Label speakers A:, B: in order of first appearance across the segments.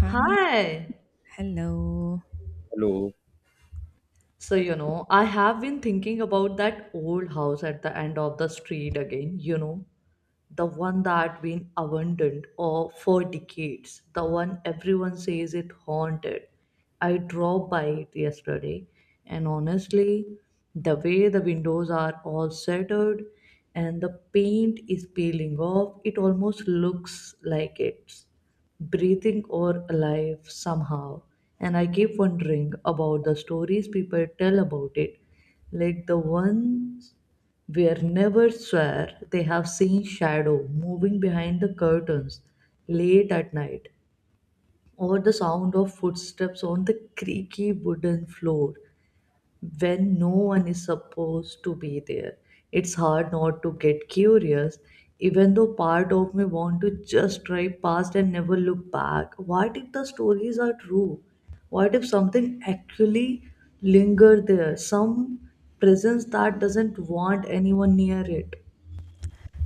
A: Hi, hello.
B: Hello,
C: So, you know, I have been thinking about that old house at the end of the street again, you know, the one that been abandoned or for decades, the one everyone says it haunted. I drove by it yesterday, and honestly, the way the windows are all shattered and the paint is peeling off, it almost looks like it's breathing or alive somehow. And I keep wondering about the stories people tell about it, like the ones where never swear they have seen shadow moving behind the curtains late at night, or the sound of footsteps on the creaky wooden floor when no one is supposed to be there. It's hard not to get curious, even though part of me want to just drive past and never look back. What if the stories are true? What if something actually linger there? Some presence that doesn't want anyone near it.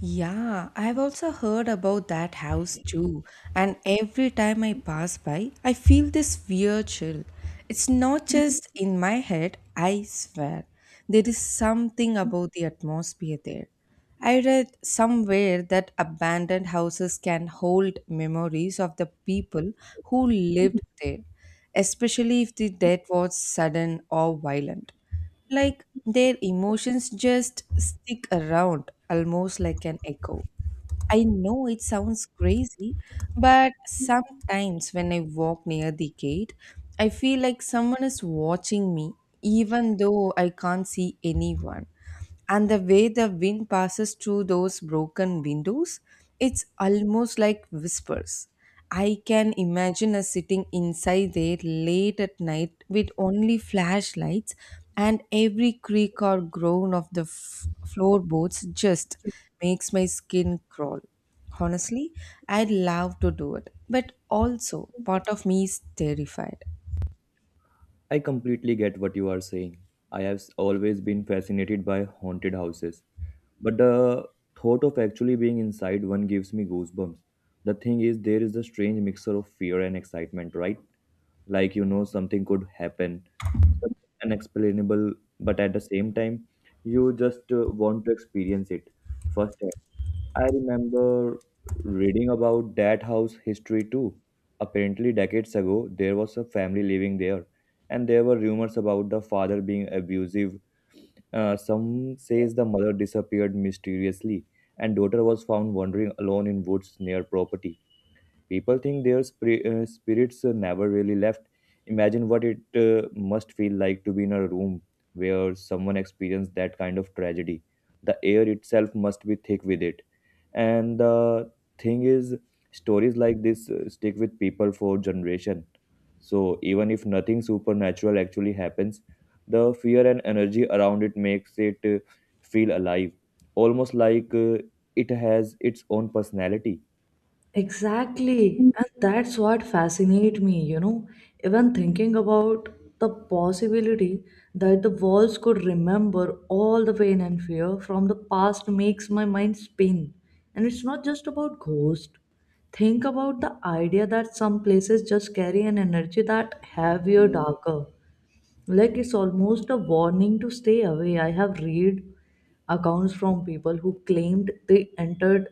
A: Yeah, I've also heard about that house too, and every time I pass by, I feel this weird chill. It's not just in my head, I swear. There is something about the atmosphere there. I read somewhere that abandoned houses can hold memories of the people who lived there, especially if the death was sudden or violent. Like their emotions just stick around almost like an echo. I know it sounds crazy, but sometimes when I walk near the gate, I feel like someone is watching me, even though I can't see anyone, and the way the wind passes through those broken windows, it's almost like whispers. I can imagine us sitting inside there late at night with only flashlights, and every creak or groan of the floorboards just makes my skin crawl. Honestly, I'd love to do it, but also part of me is terrified.
B: I completely get what you are saying. I have always been fascinated by haunted houses, but the thought of actually being inside one gives me goosebumps. The thing is, there is a strange mixture of fear and excitement, right? Like, you know, something could happen, something unexplainable, but at the same time, you just want to experience it first. I remember reading about that house history too. Apparently, decades ago, there was a family living there, and there were rumors about the father being abusive. Some says the mother disappeared mysteriously, and daughter was found wandering alone in woods near property. People think their spirits never really left. Imagine what it must feel like to be in a room where someone experienced that kind of tragedy. The air itself must be thick with it. And the thing is, stories like this stick with people for generation. So even if nothing supernatural actually happens, the fear and energy around it makes it feel alive, almost like it has its own personality.
C: Exactly. And that's what fascinates me, you know. Even thinking about the possibility that the walls could remember all the pain and fear from the past makes my mind spin. And it's not just about ghosts. Think about the idea that some places just carry an energy that heavier, darker. Like it's almost a warning to stay away. I have read accounts from people who claimed they entered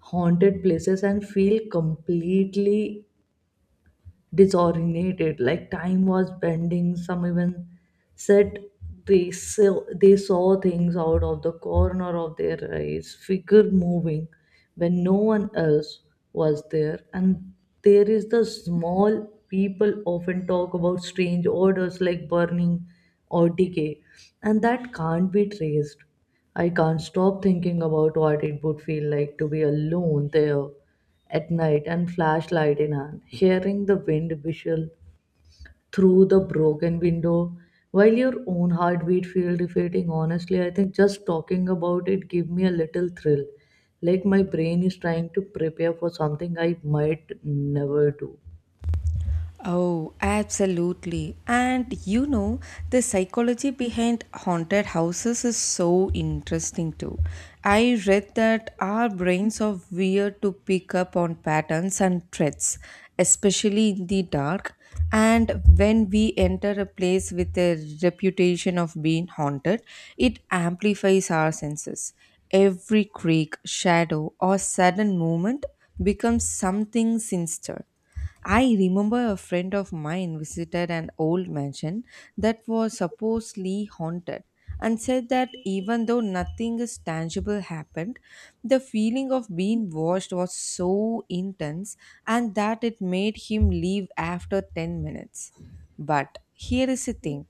C: haunted places and feel completely disoriented, like time was bending. Some even said they saw things out of the corner of their eyes, figure moving when no one else was there. And there is the small people often talk about strange odors like burning or decay, and that can't be traced. I can't stop thinking about what it would feel like to be alone there at night and flashlight in hand, hearing the wind whistle through the broken window while your own heartbeat feels defeating. Honestly, I think just talking about it give me a little thrill, like my brain is trying to prepare for something I might never do.
A: Oh, absolutely. And you know, the psychology behind haunted houses is so interesting too. I read that our brains are weird to pick up on patterns and threats, especially in the dark. And when we enter a place with a reputation of being haunted, it amplifies our senses. Every creak, shadow, or sudden movement becomes something sinister. I remember a friend of mine visited an old mansion that was supposedly haunted and said that even though nothing is tangible happened, the feeling of being watched was so intense and that it made him leave after 10 minutes. But here is the thing: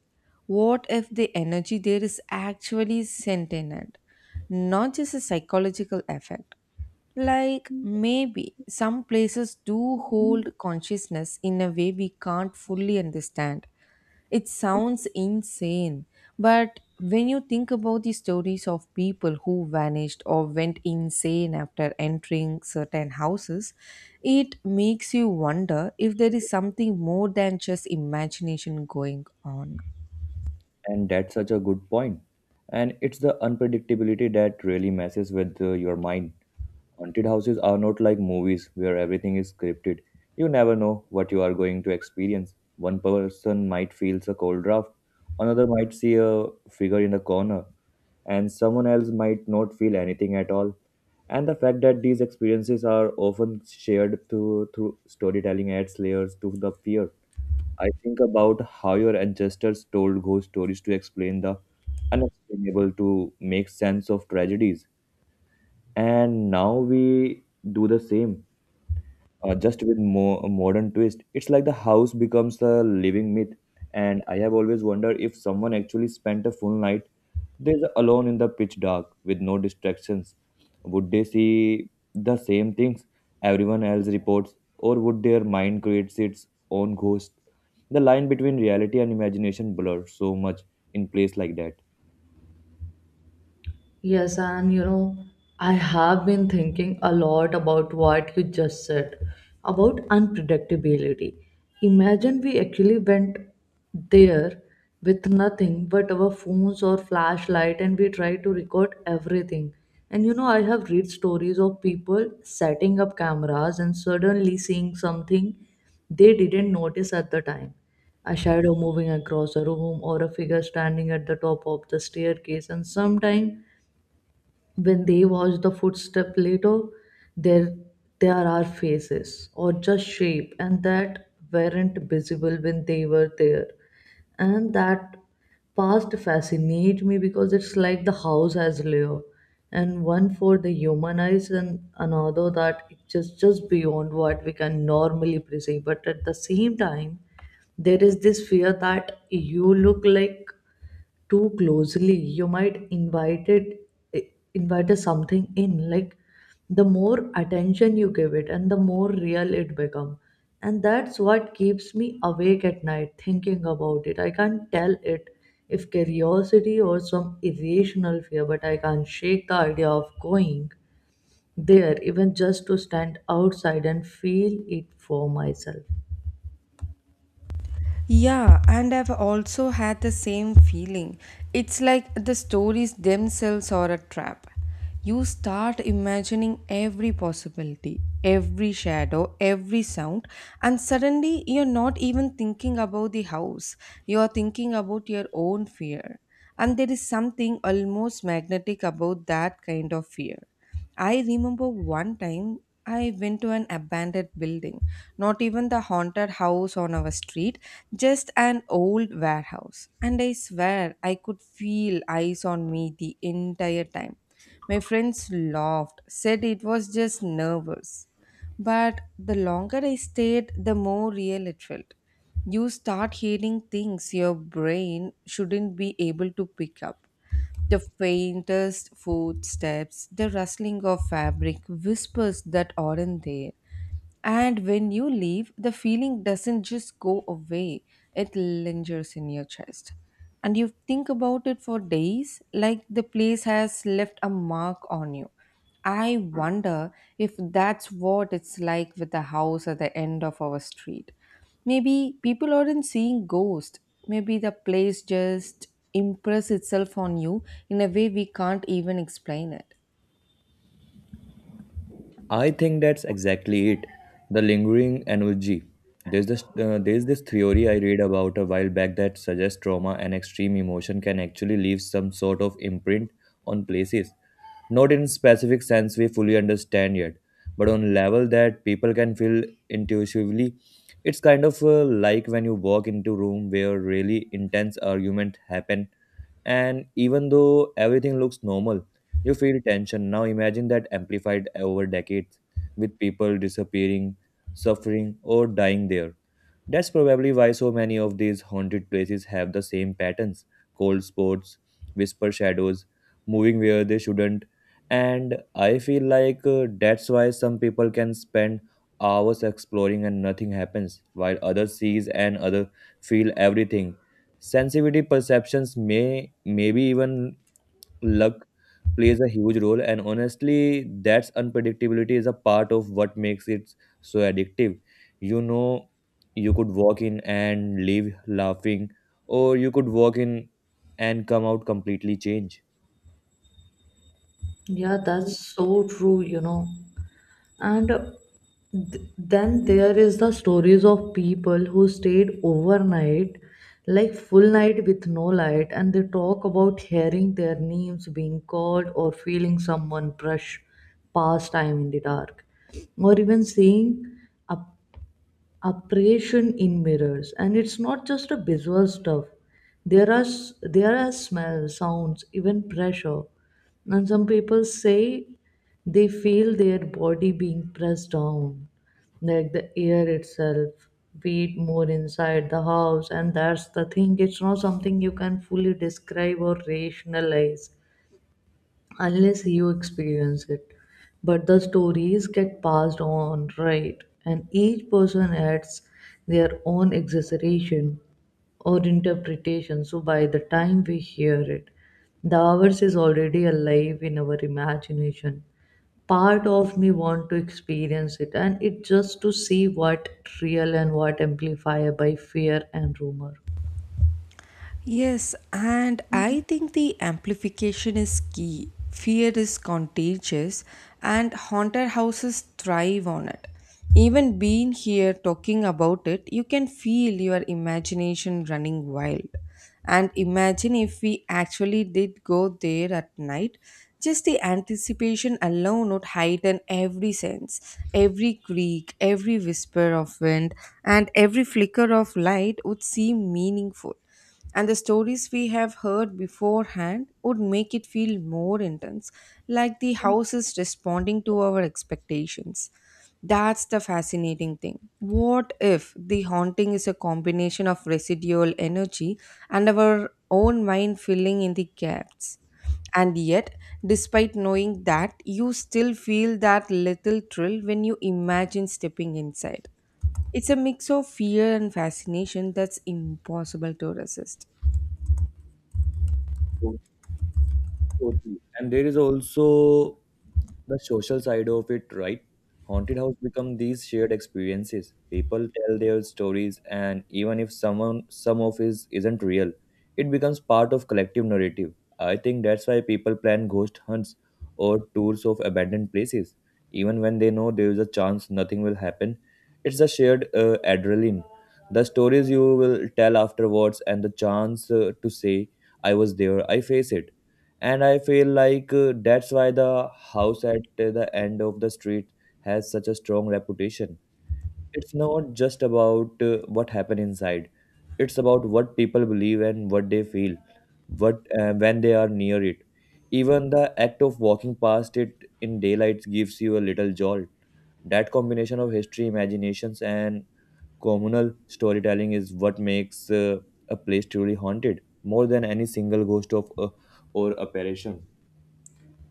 A: what if the energy there is actually sentient, not just a psychological effect? Like maybe some places do hold consciousness in a way we can't fully understand. It sounds insane, but when you think about the stories of people who vanished or went insane after entering certain houses, it makes you wonder if there is something more than just imagination going on.
B: And that's such a good point. And it's the unpredictability that really messes with your mind. Haunted houses are not like movies where everything is scripted. You never know what you are going to experience. One person might feel a cold draft, another might see a figure in a corner, and someone else might not feel anything at all. And the fact that these experiences are often shared through storytelling adds layers to the fear. I think about how your ancestors told ghost stories to explain the unexplainable, to make sense of tragedies. And now we do the same, just with more modern twist. It's like the house becomes a living myth. And I have always wondered if someone actually spent a full night they're alone in the pitch dark with no distractions. Would they see the same things everyone else reports, or would their mind create its own ghost? The line between reality and imagination blurs so much in place like that.
C: Yes, and you know, I have been thinking a lot about what you just said about unpredictability. Imagine we actually went there with nothing but our phones or flashlight and we try to record everything. And you know, I have read stories of people setting up cameras and suddenly seeing something they didn't notice at the time. A shadow moving across a room or a figure standing at the top of the staircase, and sometimes when they watch the footstep later, there there are faces or just shape and that weren't visible when they were there. And that past fascinate me because it's like the house has layer and one for the human eyes and another that it just beyond what we can normally perceive. But at the same time, there is this fear that you look like too closely you might invite something in, like the more attention you give it and the more real it become. And that's what keeps me awake at night thinking about it. I can't tell it if curiosity or some irrational fear, but I can't shake the idea of going there even just to stand outside and feel it for myself.
A: Yeah, and I've also had the same feeling. It's like the stories themselves are a trap. You start imagining every possibility, every shadow, every sound, and suddenly you're not even thinking about the house. You're thinking about your own fear. And there is something almost magnetic about that kind of fear. I remember one time I went to an abandoned building, not even the haunted house on our street, just an old warehouse, and I swear I could feel eyes on me the entire time. My friends laughed, said it was just nervous, but the longer I stayed, the more real it felt. You start hearing things your brain shouldn't be able to pick up, the faintest footsteps, the rustling of fabric, whispers that aren't there. And when you leave, the feeling doesn't just go away, it lingers in your chest. And you think about it for days, like the place has left a mark on you. I wonder if that's what it's like with the house at the end of our street. Maybe people aren't seeing ghosts. Maybe the place just impress itself on you in a way we can't even explain it.
B: I think that's exactly it. The lingering energy. There's this theory I read about a while back that suggests trauma and extreme emotion can actually leave some sort of imprint on places, not in specific sense we fully understand yet, but on level that people can feel intuitively. It's kind of like when you walk into room where really intense argument happen, and even though everything looks normal, you feel tension. Now imagine that amplified over decades with people disappearing, suffering, or dying there. That's probably why so many of these haunted places have the same patterns: cold spots, whisper shadows, moving where they shouldn't. And I feel like that's why some people can spend hours exploring and nothing happens, while others sees and other feel everything. Sensitivity perceptions maybe even luck plays a huge role, and honestly that's unpredictability is a part of what makes it so addictive. You know, you could walk in and leave laughing, or you could walk in and come out completely changed
C: Yeah, that's so true, you know. And then there is the stories of people who stayed overnight, like full night with no light, and they talk about hearing their names being called or feeling someone brush past time in the dark, or even seeing a apparition in mirrors. And it's not just a visual stuff. There are smells, sounds, even pressure, and some people say they feel their body being pressed down, like the air itself weight more inside the house. And that's the thing, it's not something you can fully describe or rationalize unless you experience it. But the stories get passed on, right? And each person adds their own exaggeration or interpretation. So by the time we hear it, the hours is already alive in our imagination. Part of me want to experience it and it just to see what real and what amplified by fear and rumor.
A: Yes, and I think the amplification is key. Fear is contagious, and haunted houses thrive on it. Even being here talking about it, you can feel your imagination running wild. And imagine if we actually did go there at night, just the anticipation alone would heighten every sense. Every creak, every whisper of wind, and every flicker of light would seem meaningful, and the stories we have heard beforehand would make it feel more intense, like the house is responding to our expectations. That's the fascinating thing. What if the haunting is a combination of residual energy and our own mind filling in the gaps? And yet, despite knowing that, you still feel that little thrill when you imagine stepping inside. It's a mix of fear and fascination that's impossible to resist.
B: totally. And there is also the social side of it, right? Haunted house become these shared experiences. People tell their stories, and even if someone some of is isn't real, it becomes part of collective narrative. I think that's why people plan ghost hunts or tours of abandoned places, even when they know there is a chance nothing will happen. It's a shared adrenaline. The stories you will tell afterwards, and the chance to say, "I was there, I face it." And I feel like that's why the house at the end of the street has such a strong reputation. It's not just about what happened inside. It's about what people believe and what they feel, what when they are near it. Even the act of walking past it in daylight gives you a little jolt. That combination of history, imaginations, and communal storytelling is what makes a place truly haunted, more than any single ghost of or apparition.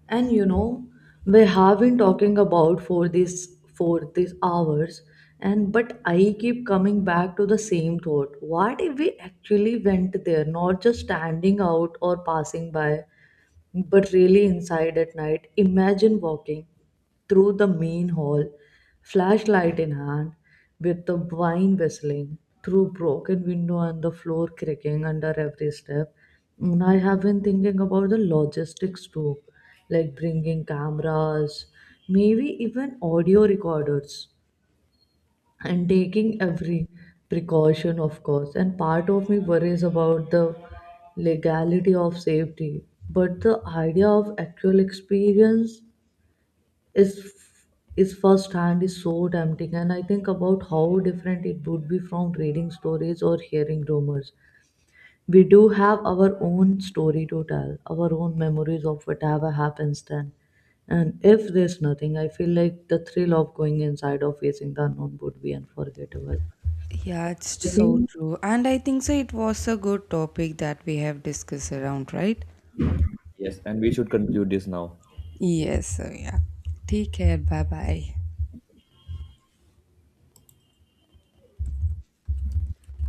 C: And you know, we have been talking about for these hours, and but I keep coming back to the same thought. What if we actually went there, not just standing out or passing by, but really inside at night? Imagine walking through the main hall, flashlight in hand, with the wine whistling through broken window and the floor creaking under every step. And I have been thinking about the logistics too, like bringing cameras, maybe even audio recorders and taking every precaution, of course. And part of me worries about the legality of safety, but the idea of actual experience is is first hand is so tempting. And I think about how different it would be from reading stories or hearing rumors. We do have our own story to tell, our own memories of whatever happens then. And if there's nothing, I feel like the thrill of going inside or facing the unknown would be unforgettable.
A: Yeah, it's
C: I
A: so
C: think
A: true. And I think so, it was a good topic that we have discussed around, right?
B: Yes, and we should conclude this now.
A: Yes, so yeah. Take care. Bye bye.